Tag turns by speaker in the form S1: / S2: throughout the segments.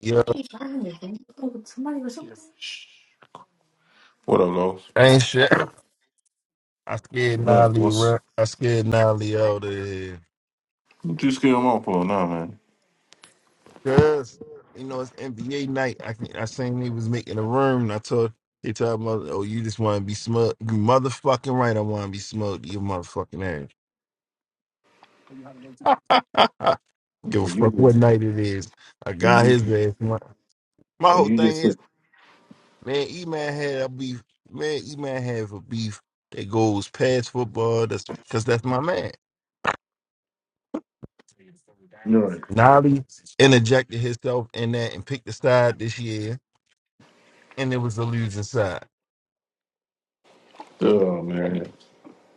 S1: Yo,
S2: What up, Los?
S1: ain't shit. I scared
S2: Man,
S1: Nolly.
S2: what's
S1: ru- I scared Nolly out of here.
S2: what you scared him off for now, man?
S1: Cause you know it's NBA night. I can, I seen he was making a room. And I told he told mother, oh you just want to be smoked. You motherfucking right. I want to be smoked. You motherfucking ass. Give a
S2: Or you
S1: fuck what
S2: just
S1: night
S2: or
S1: it is. I got
S2: you
S1: his ass. My, my
S2: or
S1: whole
S2: you
S1: thing
S2: just
S1: is,
S2: you
S1: man. E man had a beef. Man, E man have a beef that goes past football. That's because that's my man.
S2: know,
S1: Nolly interjected himself in that and picked a side this year, and it was the losing side in,
S2: oh man.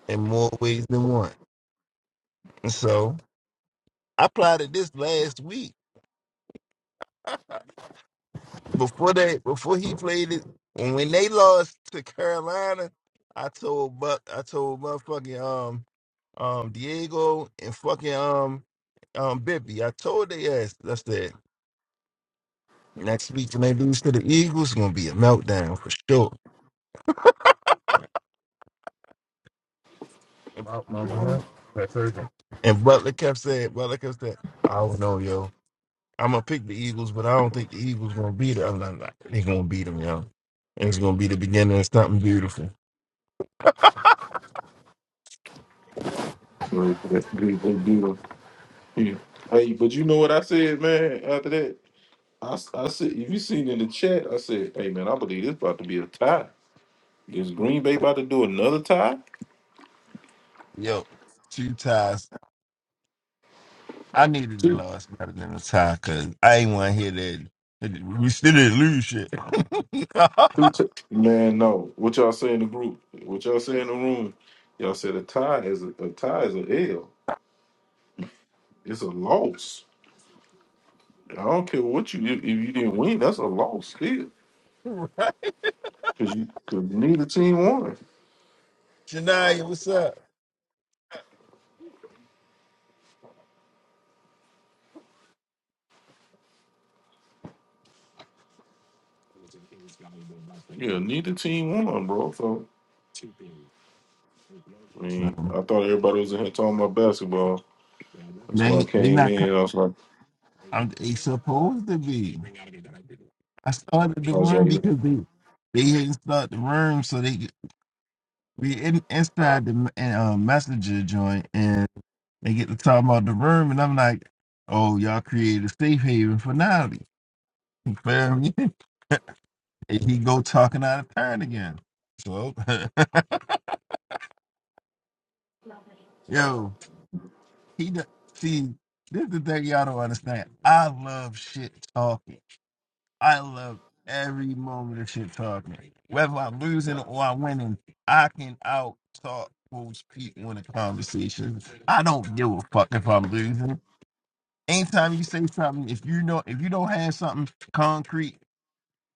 S1: in more ways than one. And so I plotted this last week uh, before they before he played it. And when they lost to Carolina, I told Buck, I told motherfucking um um Diego and fucking um um Bibby. I told they ass. I said next week when they lose to the Eagles, it's gonna be a meltdown for sure. about my
S2: Uh,
S1: run that Thursday. And Butler kept saying, Butler kept saying, I don't know, yo. I'm gonna pick the Eagles, but I don't think the Eagles gonna beat them. I'm like, "Nah, they gonna beat them, yo. And it's gonna be the beginning of something beautiful.
S2: sorry for that good good deal. Yeah. Hey, but you know what I said, man, after that? I, s- I said if you seen in the chat, I said, hey man, I believe this about to be a tie. Is Green Bay about to do another tie?
S1: Yo, two ties. I needed a
S2: Two,
S1: loss better than a tie because I ain't want to hear that. that We still didn't lose shit.
S2: two, two. man, no. What y'all say in the group? What y'all say in the room? Y'all said a tie is a, a tie is a L. It's a loss. I don't care what you did. if you didn't win, that's a loss still.
S1: right?
S2: Cause you cause neither team won.
S1: Shania, what's up?
S2: Yeah, neither team won, bro. So I mean,
S1: Um,
S2: I thought everybody was in here talking about basketball. That's why I
S1: they, they
S2: came
S1: not.
S2: in.
S1: co-
S2: I was like,
S1: I'm, they supposed to be. I started the
S2: I was
S1: room
S2: like,
S1: because they they hadn't started the room, so they get- we in, inside the uh, messenger joint, and they get to talk about the room, and I'm like, oh, y'all created a safe haven for Natalie. You feel me? And he go talking out of turn again. So, yo, he do- see this is the thing y'all don't understand. I love shit talking. I love every moment of shit talking. Whether I'm losing or I'm winning, I can out talk most people in a conversation. I don't give a fuck if I'm losing. Anytime you say something, if you know if you don't have something concrete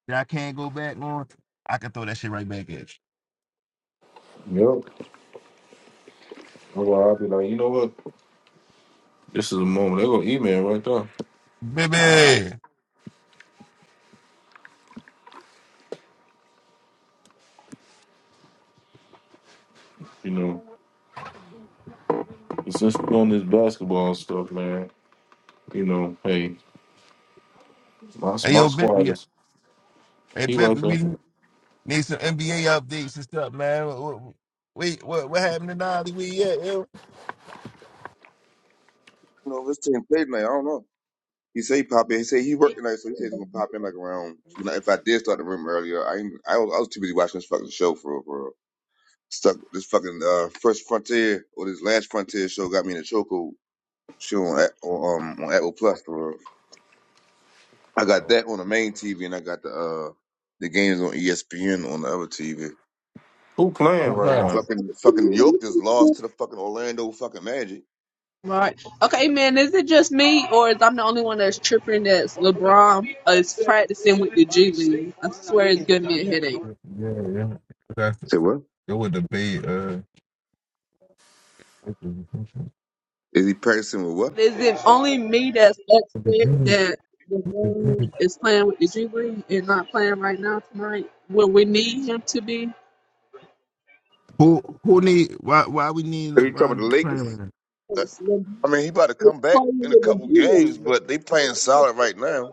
S1: that I can't go back on, I can throw that shit right back at you.
S2: yep. That's why I'll be like, you know what? This is a moment. They're gonna email right there.
S1: Baby.
S2: You know, since we're on this basketball stuff, man. You know, hey, my
S1: Hey
S2: my
S1: yo,
S2: squad
S1: baby.
S2: is
S1: Hey
S2: he right
S1: baby, we
S2: there.
S1: need some NBA updates and stuff, man. Wait, what what happened to Nolly? We yeah, yo.
S3: You know, this team played tonight. I don't know. He said he pop in. He said he worked tonight, so he said he's gonna pop in like around. when I- If I did start the room earlier, I ain't, I, was, I was too busy watching this fucking show for real, for real. Stuck with this fucking uh, first frontier or this last frontier show got me in a chokehold. Show on A- on, um, on Apple Plus for real. I got
S1: Oh,
S3: that on the main TV, and I got the uh the games on ESPN on the other TV.
S2: Who
S4: Love
S2: playing
S4: with the
S2: right
S1: oh,
S4: house.
S2: now?
S3: Fucking fucking New York just lost to the fucking Orlando fucking Magic.
S4: Right. Okay, man, is it just me or is I'm the only one that's tripping that LeBron is practicing with the G League? I swear it's giving me a headache.
S1: Yeah, yeah, yeah. That's
S3: Say what?
S1: it would debate. Uh,
S3: Is he practicing with what?
S4: Is it only me that's upset that LeBron is playing with the G League and not playing right now tonight when we need him to be?
S1: who who need why why we need
S3: Are you talking about
S1: LeBron
S3: the
S1: to play
S3: Lakers?
S1: right now?
S4: It's LeBron
S3: I mean, he about to
S4: is
S3: come back
S4: playing
S3: in a
S4: with the
S3: couple games, but they playing
S4: G
S3: solid right now.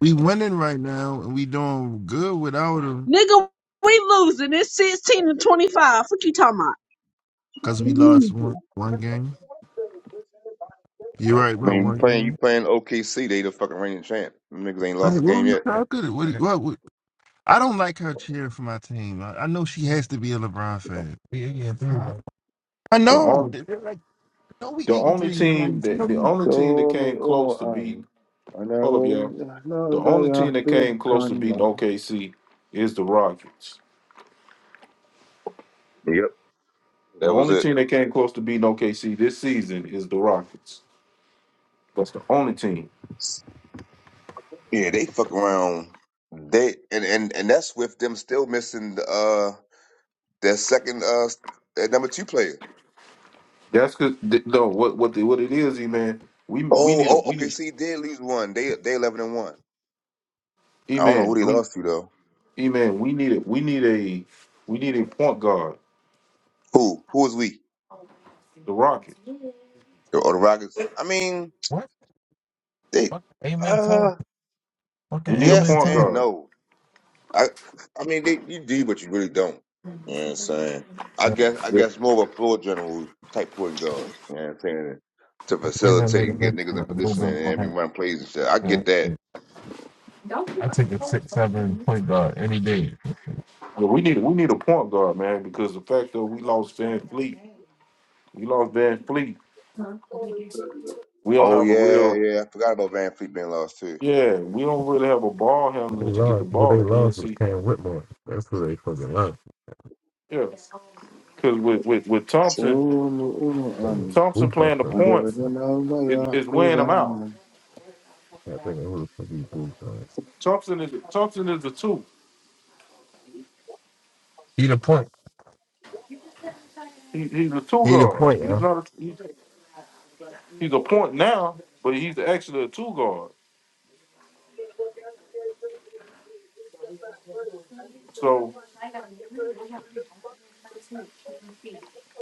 S1: We winning right now and we doing good without him
S4: League. Nigga, we losing. It's 16 to 25. What you talking about?
S1: because
S4: We
S1: we lost
S4: losing.
S1: one one game. You're right
S3: I
S1: about
S3: mean, you
S1: one
S3: playing you
S1: game.
S3: playing OKC, they the fucking reigning champ. Them niggas ain't lost
S1: Right,
S3: a
S1: what are
S3: game
S1: we
S3: yet.
S1: talking? What, what, what? I don't like her cheering for my team. I, I know she has to be a LeBron fan. We eight and three. bro. I
S2: The
S1: know.
S2: only
S1: They- They're like, no, we
S2: the
S1: eight and
S2: only
S1: three. You're like,
S2: team
S1: you
S2: that the
S1: know,
S2: only team that
S3: Show
S2: came
S3: uno
S2: close to
S3: arm.
S2: beating
S3: And I
S2: Hold up,
S3: will
S2: y'all. The
S3: know
S2: only team that came close to beating OKC is the Rockets.
S3: Yep,
S2: The
S3: that was
S2: only
S3: it.
S2: team that came close to beating OKC this season is the Rockets. That's the only team.
S3: Yeah, they fuck around. They and and and that's with them still missing the, uh their second uh their number two player.
S2: That's cause th- no, what what the, what it is, E man. We we
S3: Oh,
S2: need a
S3: oh,
S2: we need
S3: OKC did lose one. They they eleven and one.
S2: E
S3: I don't know who
S2: man.
S3: they
S2: We
S3: lost to though.
S2: E man. We need it. We need a we need a point guard.
S3: Who who was weak?
S2: The Rockets.
S3: The, or the Rockets. I mean,
S1: what?
S3: they
S1: Fucking amen talk.
S3: uh
S1: Fucking
S2: We need a
S3: yes
S1: amen
S2: point
S1: talk.
S3: and
S2: guard.
S3: no. I I mean they you do but you really don't. You know what I'm saying? I guess I
S2: Yeah.
S3: guess more of a floor general type point guard. You know what I'm saying? To
S1: They're gonna
S3: facilitate
S1: make a
S3: and get
S1: difference
S3: niggas in
S1: with a little
S3: position
S1: bit more
S3: and, and
S1: happy.
S3: run plays and shit. I
S1: man.
S3: get that.
S1: I take a six seven point guard any day.
S2: Well, we need we need a point guard, man, because the fact that we lost Van Fleet, we lost Van Fleet. We don't
S3: Oh
S2: have a
S3: yeah,
S2: real.
S3: yeah. I forgot about Van Fleet being lost too.
S2: Yeah, we don't really have a ball
S1: They
S2: handler to get the
S1: lost. Who
S2: ball
S1: they
S2: at the
S1: lost was
S2: NC.
S1: Cam Whitmore. That's who they fucking lost.
S2: Yeah, because with, with with
S3: True.
S2: Thompson,
S1: They got
S3: I
S2: Thompson
S1: booped on
S2: playing the
S1: first.
S2: point
S3: don't know
S2: is,
S3: y'all,
S2: is wearing him out.
S3: man.
S1: I can't think of who the fuck he booped on.
S2: Thompson is Thompson is a two.
S1: He the point.
S2: He, he's a two
S1: He the
S2: guard.
S1: point,
S2: He's
S1: yeah.
S2: not. A, he's, he's a point now, but he's actually a two guard. So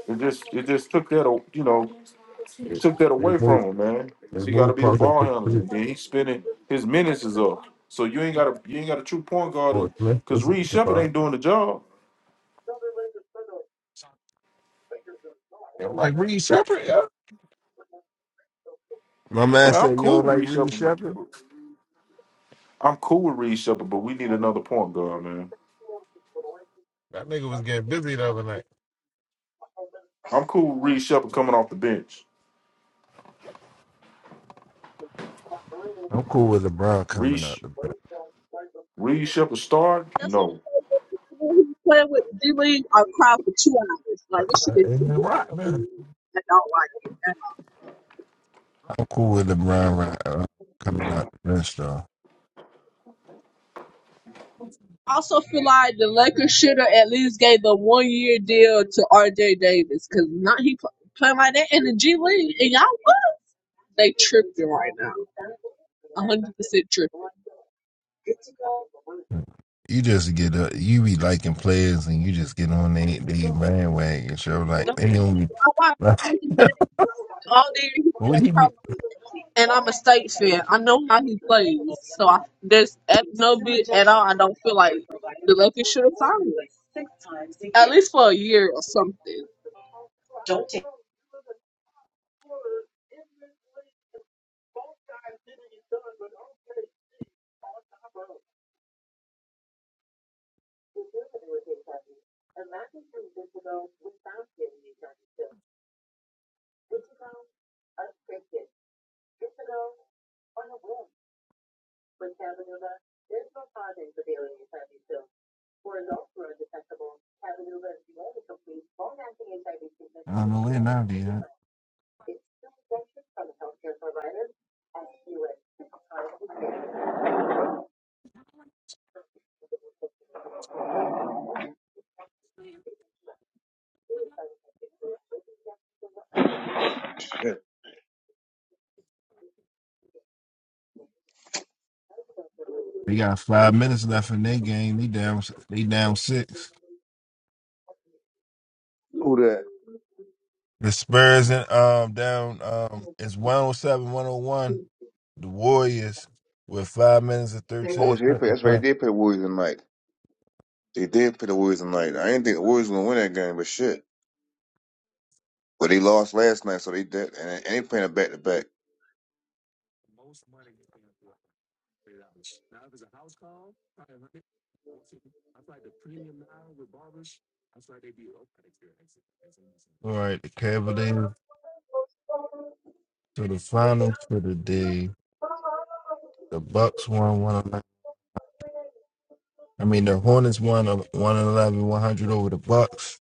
S2: it just it just took that a- you know
S1: They,
S2: took that
S1: they
S2: away from
S1: moved.
S2: him, man.
S1: They
S2: 'Cause he got to
S1: moved
S2: be the
S1: Parker
S2: ball
S1: to
S2: handler,
S1: Smith.
S2: and then he's spinning. His minutes is up. So you ain't got a you ain't got a true point
S1: Or
S2: guard
S1: Smith
S2: because
S1: was
S2: Reed
S1: it
S2: Shepard
S1: Jabbar?
S2: ain't doing the job.
S1: They don't like Reed Shepard, yeah. My man
S2: Man, I'm
S1: said, "You
S2: cool
S1: don't
S2: with
S1: like
S2: Reed
S1: Reed
S2: Shepard.
S1: Shepard?
S2: I'm cool with Reed Shepard, but we need another point guard, man.
S1: That nigga was getting busy the other night.
S2: I'm cool with Reed Shepard coming off the bench.
S1: I'm cool with LeBron
S2: Reed,
S1: coming out
S2: Sh-
S1: the bench."
S2: Reed Shepard start?
S4: That's what
S2: No.
S4: I'm playing with D League I cried for two hours. Like
S1: But
S4: this shit
S1: that
S4: is
S1: ain't his rock, man.
S4: I don't like it. at
S1: I'm cool with LeBron right, uh, coming out the bench though.
S4: I also feel like the Lakers should have at least gave the one year deal to RJ Davis because not he pl- playing like that in the G League and y'all what? They tripping right now. a hundred percent tripping.
S1: You just get up, you be liking players, and you just get on they they bandwagon. So like
S4: I
S1: they don't be.
S4: watch. All day he said,
S1: what he be?
S4: "Come on." and I'm a state fan. I know how he plays, so I, there's at no bit at all. I don't feel like the Lakers should have signed him, at least for a year or something.
S1: I don't know where now be at. They got five minutes left in their game. They down. They down six.
S3: Who that?
S1: The Spurs and um down um it's 107, 101. The Warriors with five minutes and
S3: Oh,
S1: thirteen
S3: they play.
S1: seconds
S3: That's right.
S1: left.
S3: They did play Warriors tonight. They did play the Warriors tonight. I didn't think the Warriors were gonna win that game, but shit. But they lost last night, so they did, and they ain't playing a back to back.
S1: All right, the Cavaliers. So the finals for the day, the Bucks won one eleven. I mean, the Hornets won a- 111, 100 over the Bucks.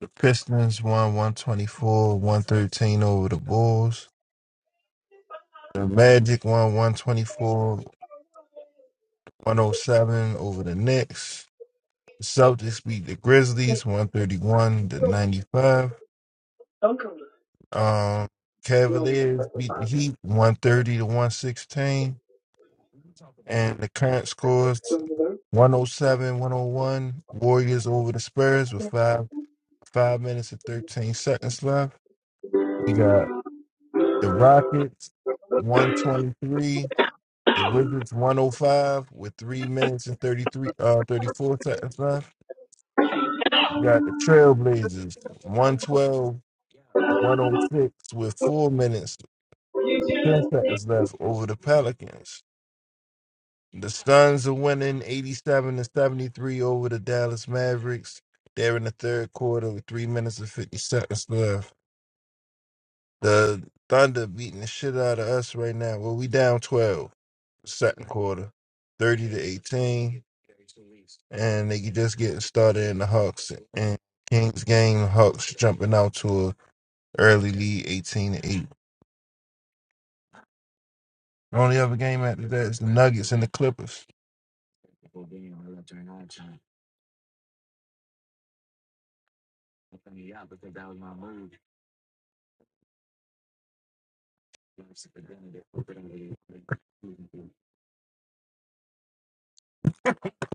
S1: The Pistons won 124, 113 over the Bulls. The Magic won one twenty four, one o seven over the Knicks. The Celtics beat the Grizzlies 131 to 95. Um, Cavaliers beat the Heat 130 to 116. And the current score is 107 101. Warriors over the Spurs with five five minutes and 13 seconds left. We got the Rockets 123. The Wizards 105 with three minutes and 33 uh 34 seconds left. We got the Trailblazers 112 the 106 with four minutes and 10 seconds left over the Pelicans. The Suns are winning 87 to 73 over the Dallas Mavericks. They're in the third quarter with three minutes and 50 seconds left. The Thunder beating the shit out of us right now. Well, we down 12, second quarter, 30 to 18. And they just getting started in the Hawks and Kings game. Hawks jumping out to a early lead, 18 to 8. only other game after that is the Nuggets and the Clippers.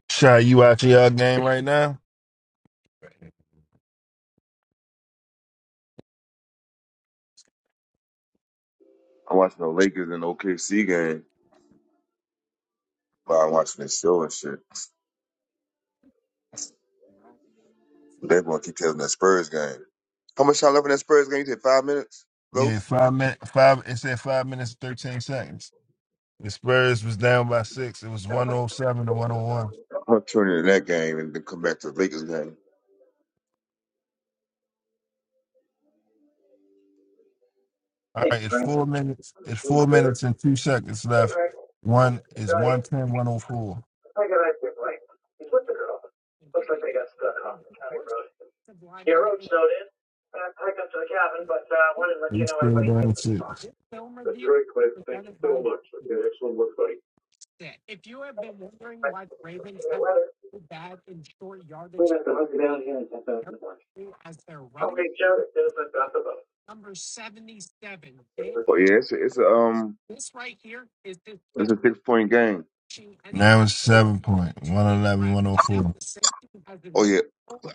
S1: Shy, you out to y'all game right now?
S3: I'm watching the Lakers and OKC game while I'm watching this show and shit. They're gonna keep telling that Spurs game. How much time left in that Spurs game? You did five minutes,
S1: Yeah,
S3: Ghost.
S1: five minute five it said five minutes and thirteen seconds. The Spurs was down by six. It was one oh seven to one oh one.
S3: I'm gonna turn into that game and then come back to the Lakers game.
S1: All right, it's four minutes. It's four minutes and two seconds left. One is one ten, one hundred four.
S3: I got that good right. He's with the the the girl. Looks like they got stuck off the county road. road Your road snowed in. I packed up to to cabin, but uh, I wanted to let
S1: 104.
S3: you
S1: They
S3: you know
S1: still
S3: everybody's here
S1: down
S3: for the talk.
S1: six.
S3: That's very quick. Thank you so much. Okay, excellent work buddy. Bye. Yeah, Weather. We have to hunker down here and get back the market. Okay, Joe, it feels like that's about. Oh yeah, it's a, it's a um it's a six point game.
S1: Now it's seven point. 111, 104.
S3: Oh yeah,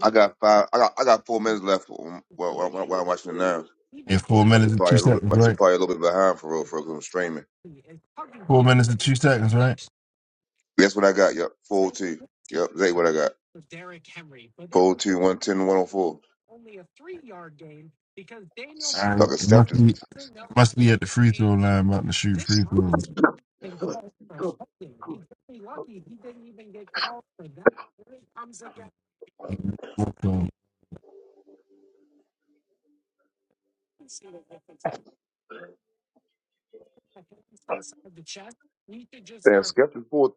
S3: I got five. I got I got four minutes left while while, while I'm watching it now.
S1: Yeah, four
S3: I
S1: minutes
S3: should
S1: and
S3: probably
S1: two
S3: a little bit.
S1: seconds,
S3: I should
S1: right?
S3: probably a little bit behind for real for real, 'cause I'm streaming.
S1: Four minutes and two seconds, right?
S3: That's what I got. Yep, four oh two. Yep, that's what I got. Four oh two one ten one oh four. Fucking
S1: Must
S3: skeptics.
S1: be must be at the free throw line about to shoot free throws.
S3: Damn skeptics. Four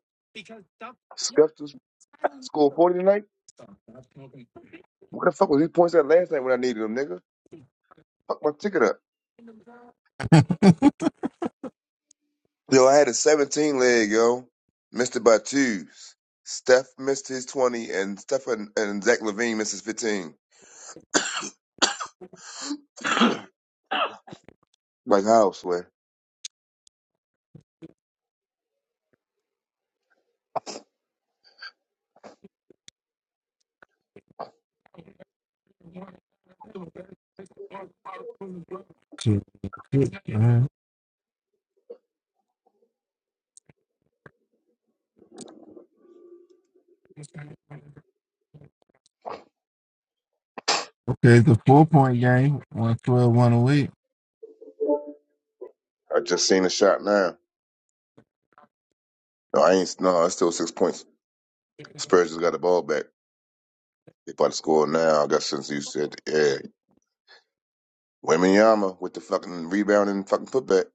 S3: skeptics scored forty tonight. What the fuck was these points at last night when I needed them, nigga? Fuck my ticket up. Yo, I had a 17 leg, yo. Missed it by twos. Steph missed his 20, and Steph and, and Zach Levine missed his 15. Like how? Swear.
S1: Shit, shit, man. Okay, it's a four point game, 112, 108.
S3: I just seen the shot now. No, I ain't. No, it's still six points. Spurs just got the ball back. They about to score now. I guess since you said, yeah. Weminyama with the fucking rebound and fucking putback.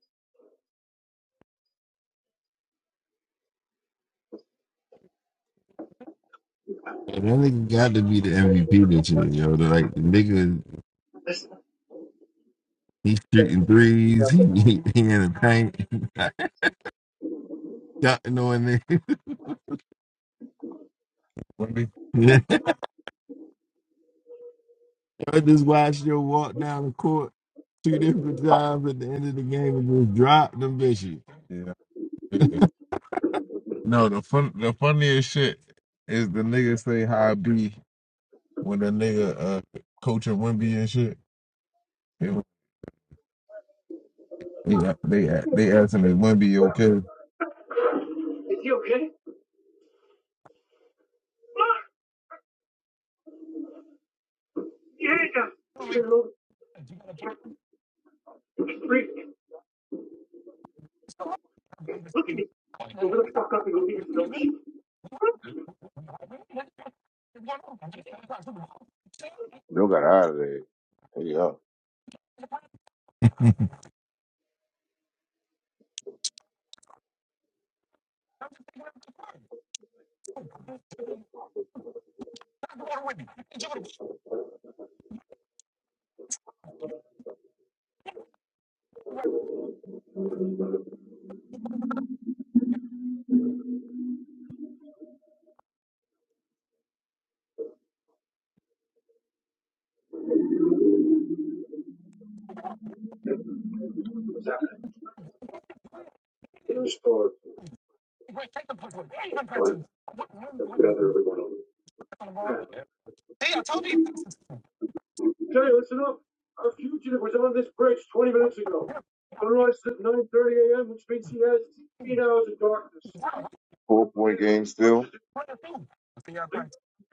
S1: And that nigga got to be the MVP this year, yo. The, Like, the nigga,
S3: Is
S1: he's shooting threes, he, he, he in the paint. dunking on know I Wemby. Yeah. I just watched your walk down the court two different times at the end of the game and just dropped them bitches. Yeah. No, the fun the funniest shit is the nigga say how I be when the nigga uh coaching Wimby and shit. They they they, they asking if Wimby okay.
S3: he okay? Mark, get it. Look at me. Go the fuck up and go get your dumb shit. Bill got out of there. Yeah. What's happening? Restore the fun and gather everyone on. Yeah. Jay, listen up. Our fugitive was on this bridge 20 minutes ago. Sunrise at 9.30 a.m., which means he has 16 hours of darkness. Four point game still.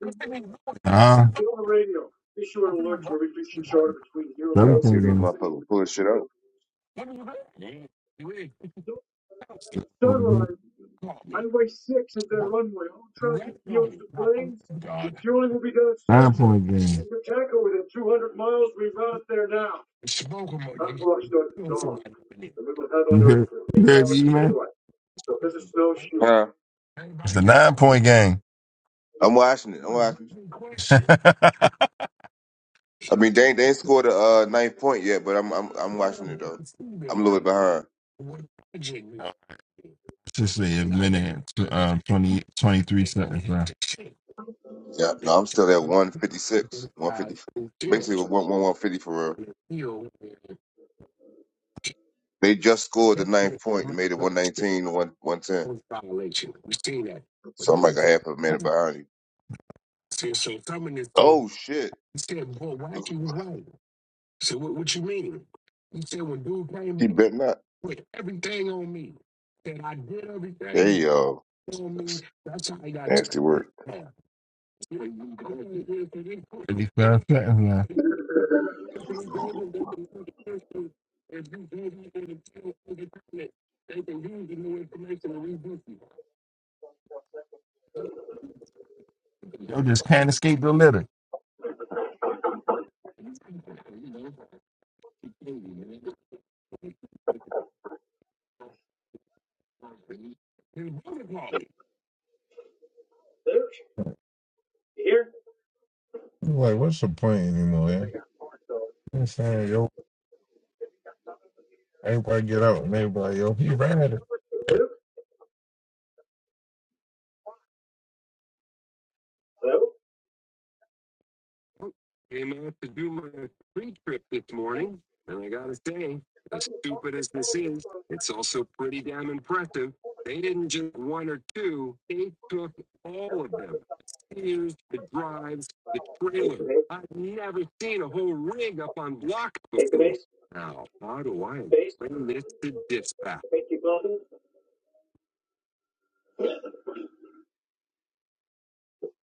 S3: We Get
S1: Ah,
S3: on the radio. Issue an alert to every fishing charter between zero. Trying
S1: seven
S3: to see if
S1: point
S3: these
S1: game,
S3: 4.30. motherfuckers pull this shit up.
S1: Four game.
S3: Sunrise, Highway 6 is their runway. All traffic yields to planes. Refueling will be done at
S1: nine
S3: Central.
S1: point game.
S3: You can tackle within 200 miles. We route there now. Our clock starts at dawn. And we will have
S1: You
S3: under
S1: heard, you
S3: eight
S1: heard
S3: hours
S1: me,
S3: of
S1: man?
S3: daylight. So this is snowshoe. Yeah,
S1: It's a nine point game.
S3: I'm watching it. I'm watching. it. I mean, they ain't- they ain't scored a uh, ninth point yet, but I'm I'm I'm watching it though. I'm a little bit behind.
S1: Just say a minute, tw- uh, 20, twenty-three seconds left.
S3: Yeah, no, I'm still at 156, 150, basically one one 150 for real. They just scored the ninth point and made it 119 to 1, 110. So I'm like a half a minute behind you. Oh, shit. He bet not. There you go. That's nasty work.
S1: Thirty five. seconds left. Yo, just can't escape the litter.
S3: Here?
S1: Like, what's the point anymore? Yeah, You know Everybody get out and everybody else. He ran at it.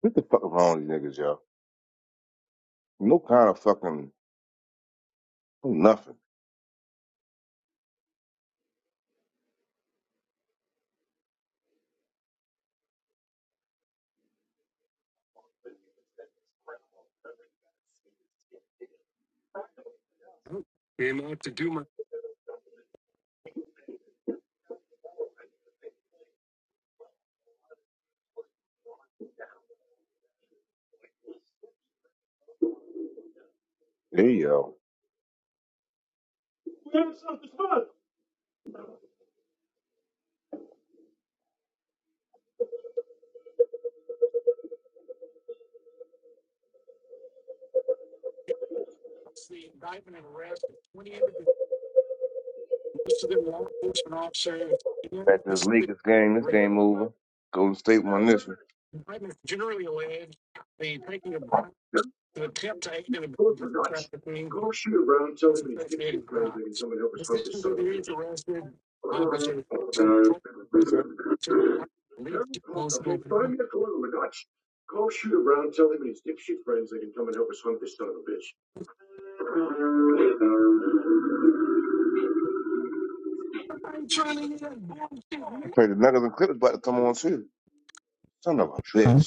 S3: What the fuck is wrong with these niggas, y'all? No kind of fucking no nothing. There you go. We having something fun. Back to this Lakers game. This game over. Golden State won this one. Pull my nuts. Go shoot around, tell him his dipshit friends they can come and help us hunt this son of a bitch. Okay, find me a corner with nuts. Call shoot around, tell them his dipshit friends they can come and help us hunt this son of a bitch. I pray the niggas and clippers about to come on too. Son of a bitch.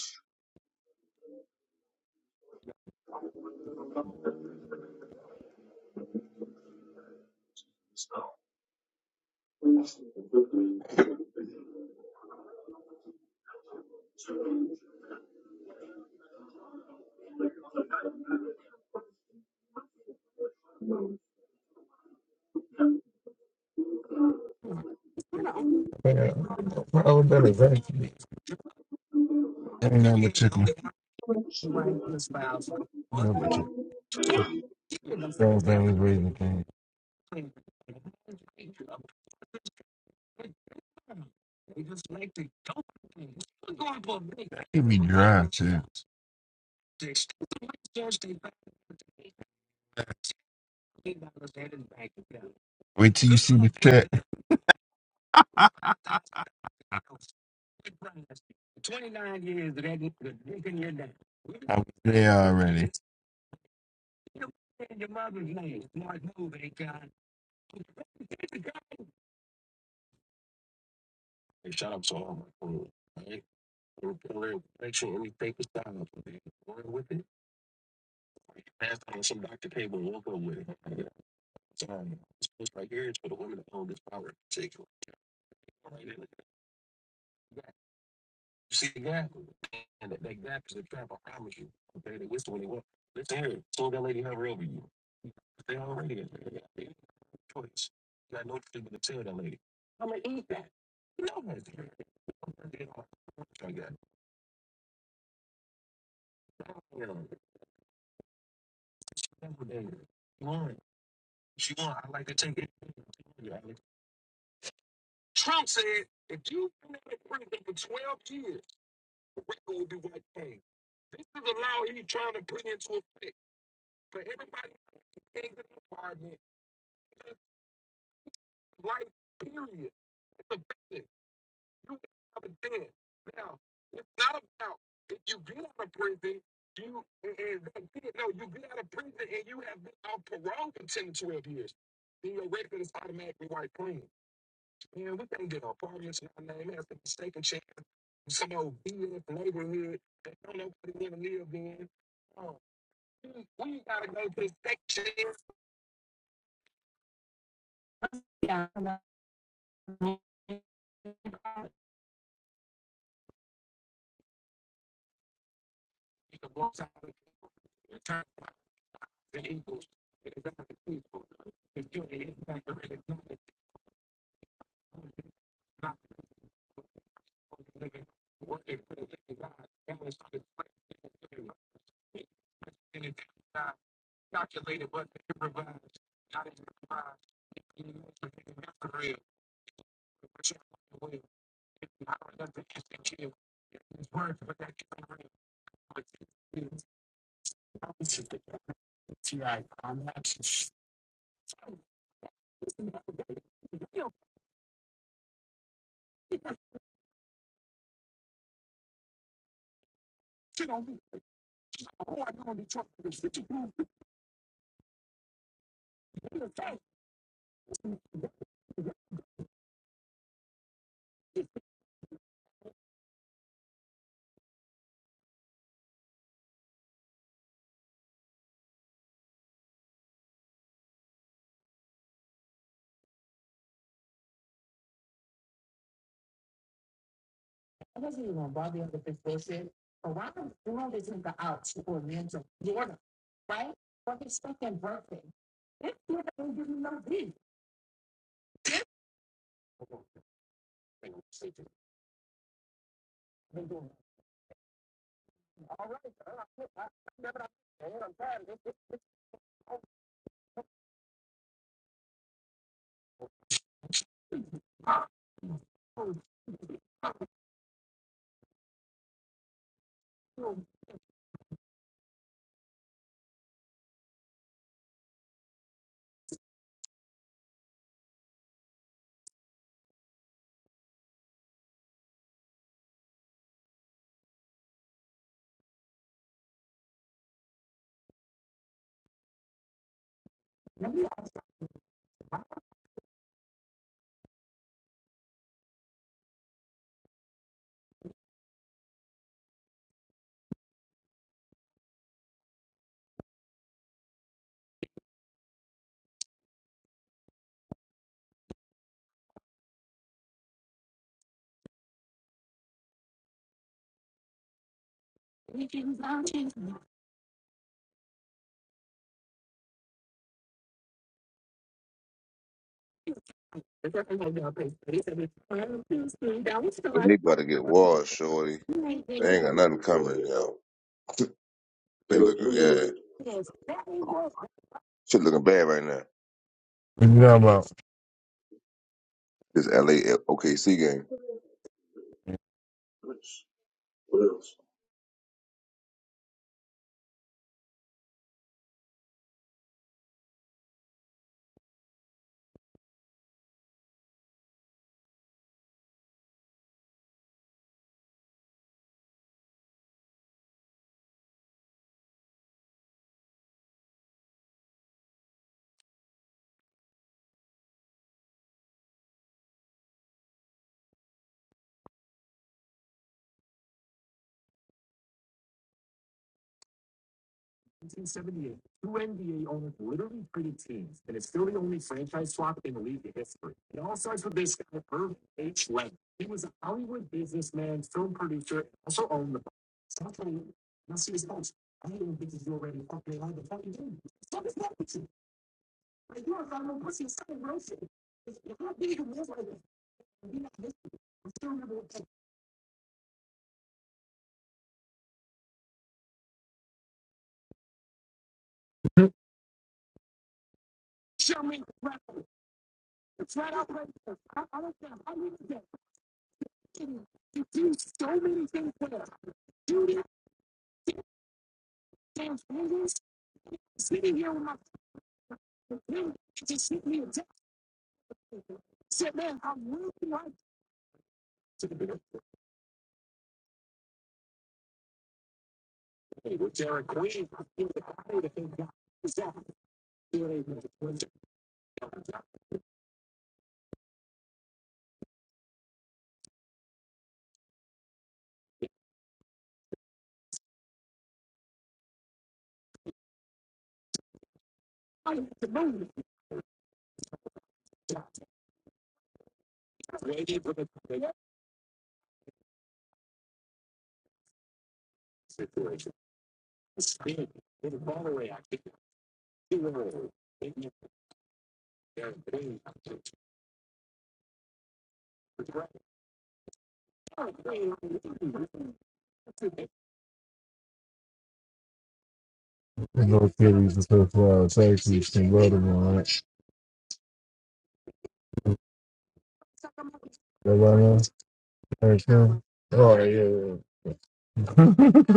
S1: Man, I would have been a vacuum. Ain't nothing but tickle. Nothing but tickle. Those things raising things. He be dry, too. Wait till you see the chat. I was there already.
S3: They about to get washed, shorty. They ain't got nothing coming, yo. They looking, yeah. Shit looking bad right now.
S1: What you talking
S3: This LA OKC game. What else?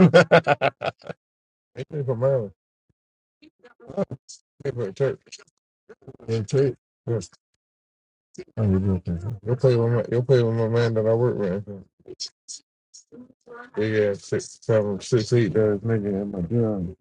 S1: about? They play for Maryland. They play for church. They church. Yes. I'm ridiculous. You'll play with my you'll play with my man that I work with. Big ass six seven six eight does nigga in my job.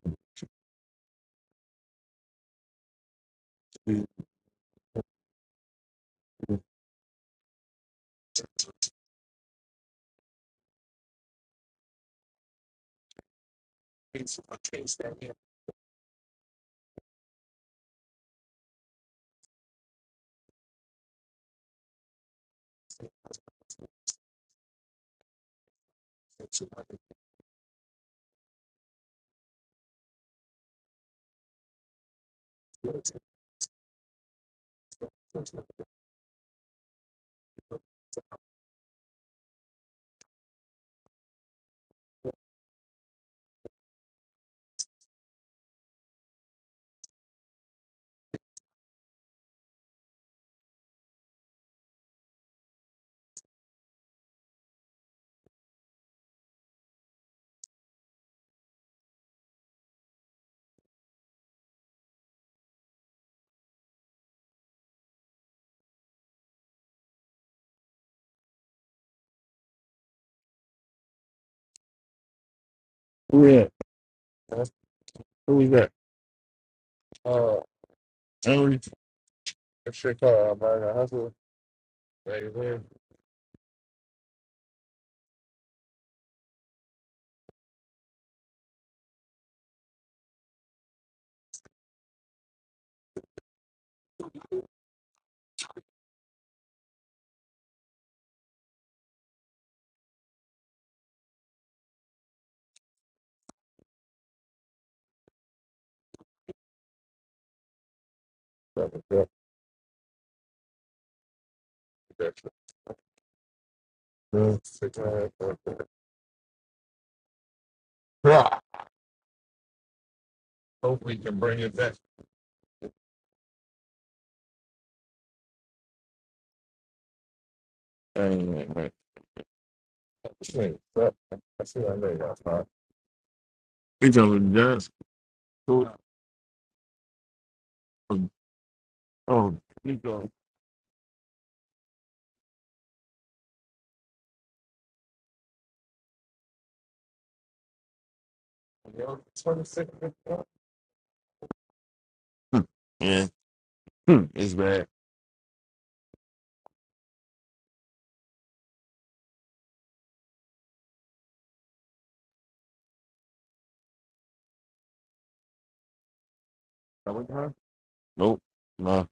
S1: We talking about Johnson. Oh. yeah. Hmm, it's bad. Nope. No.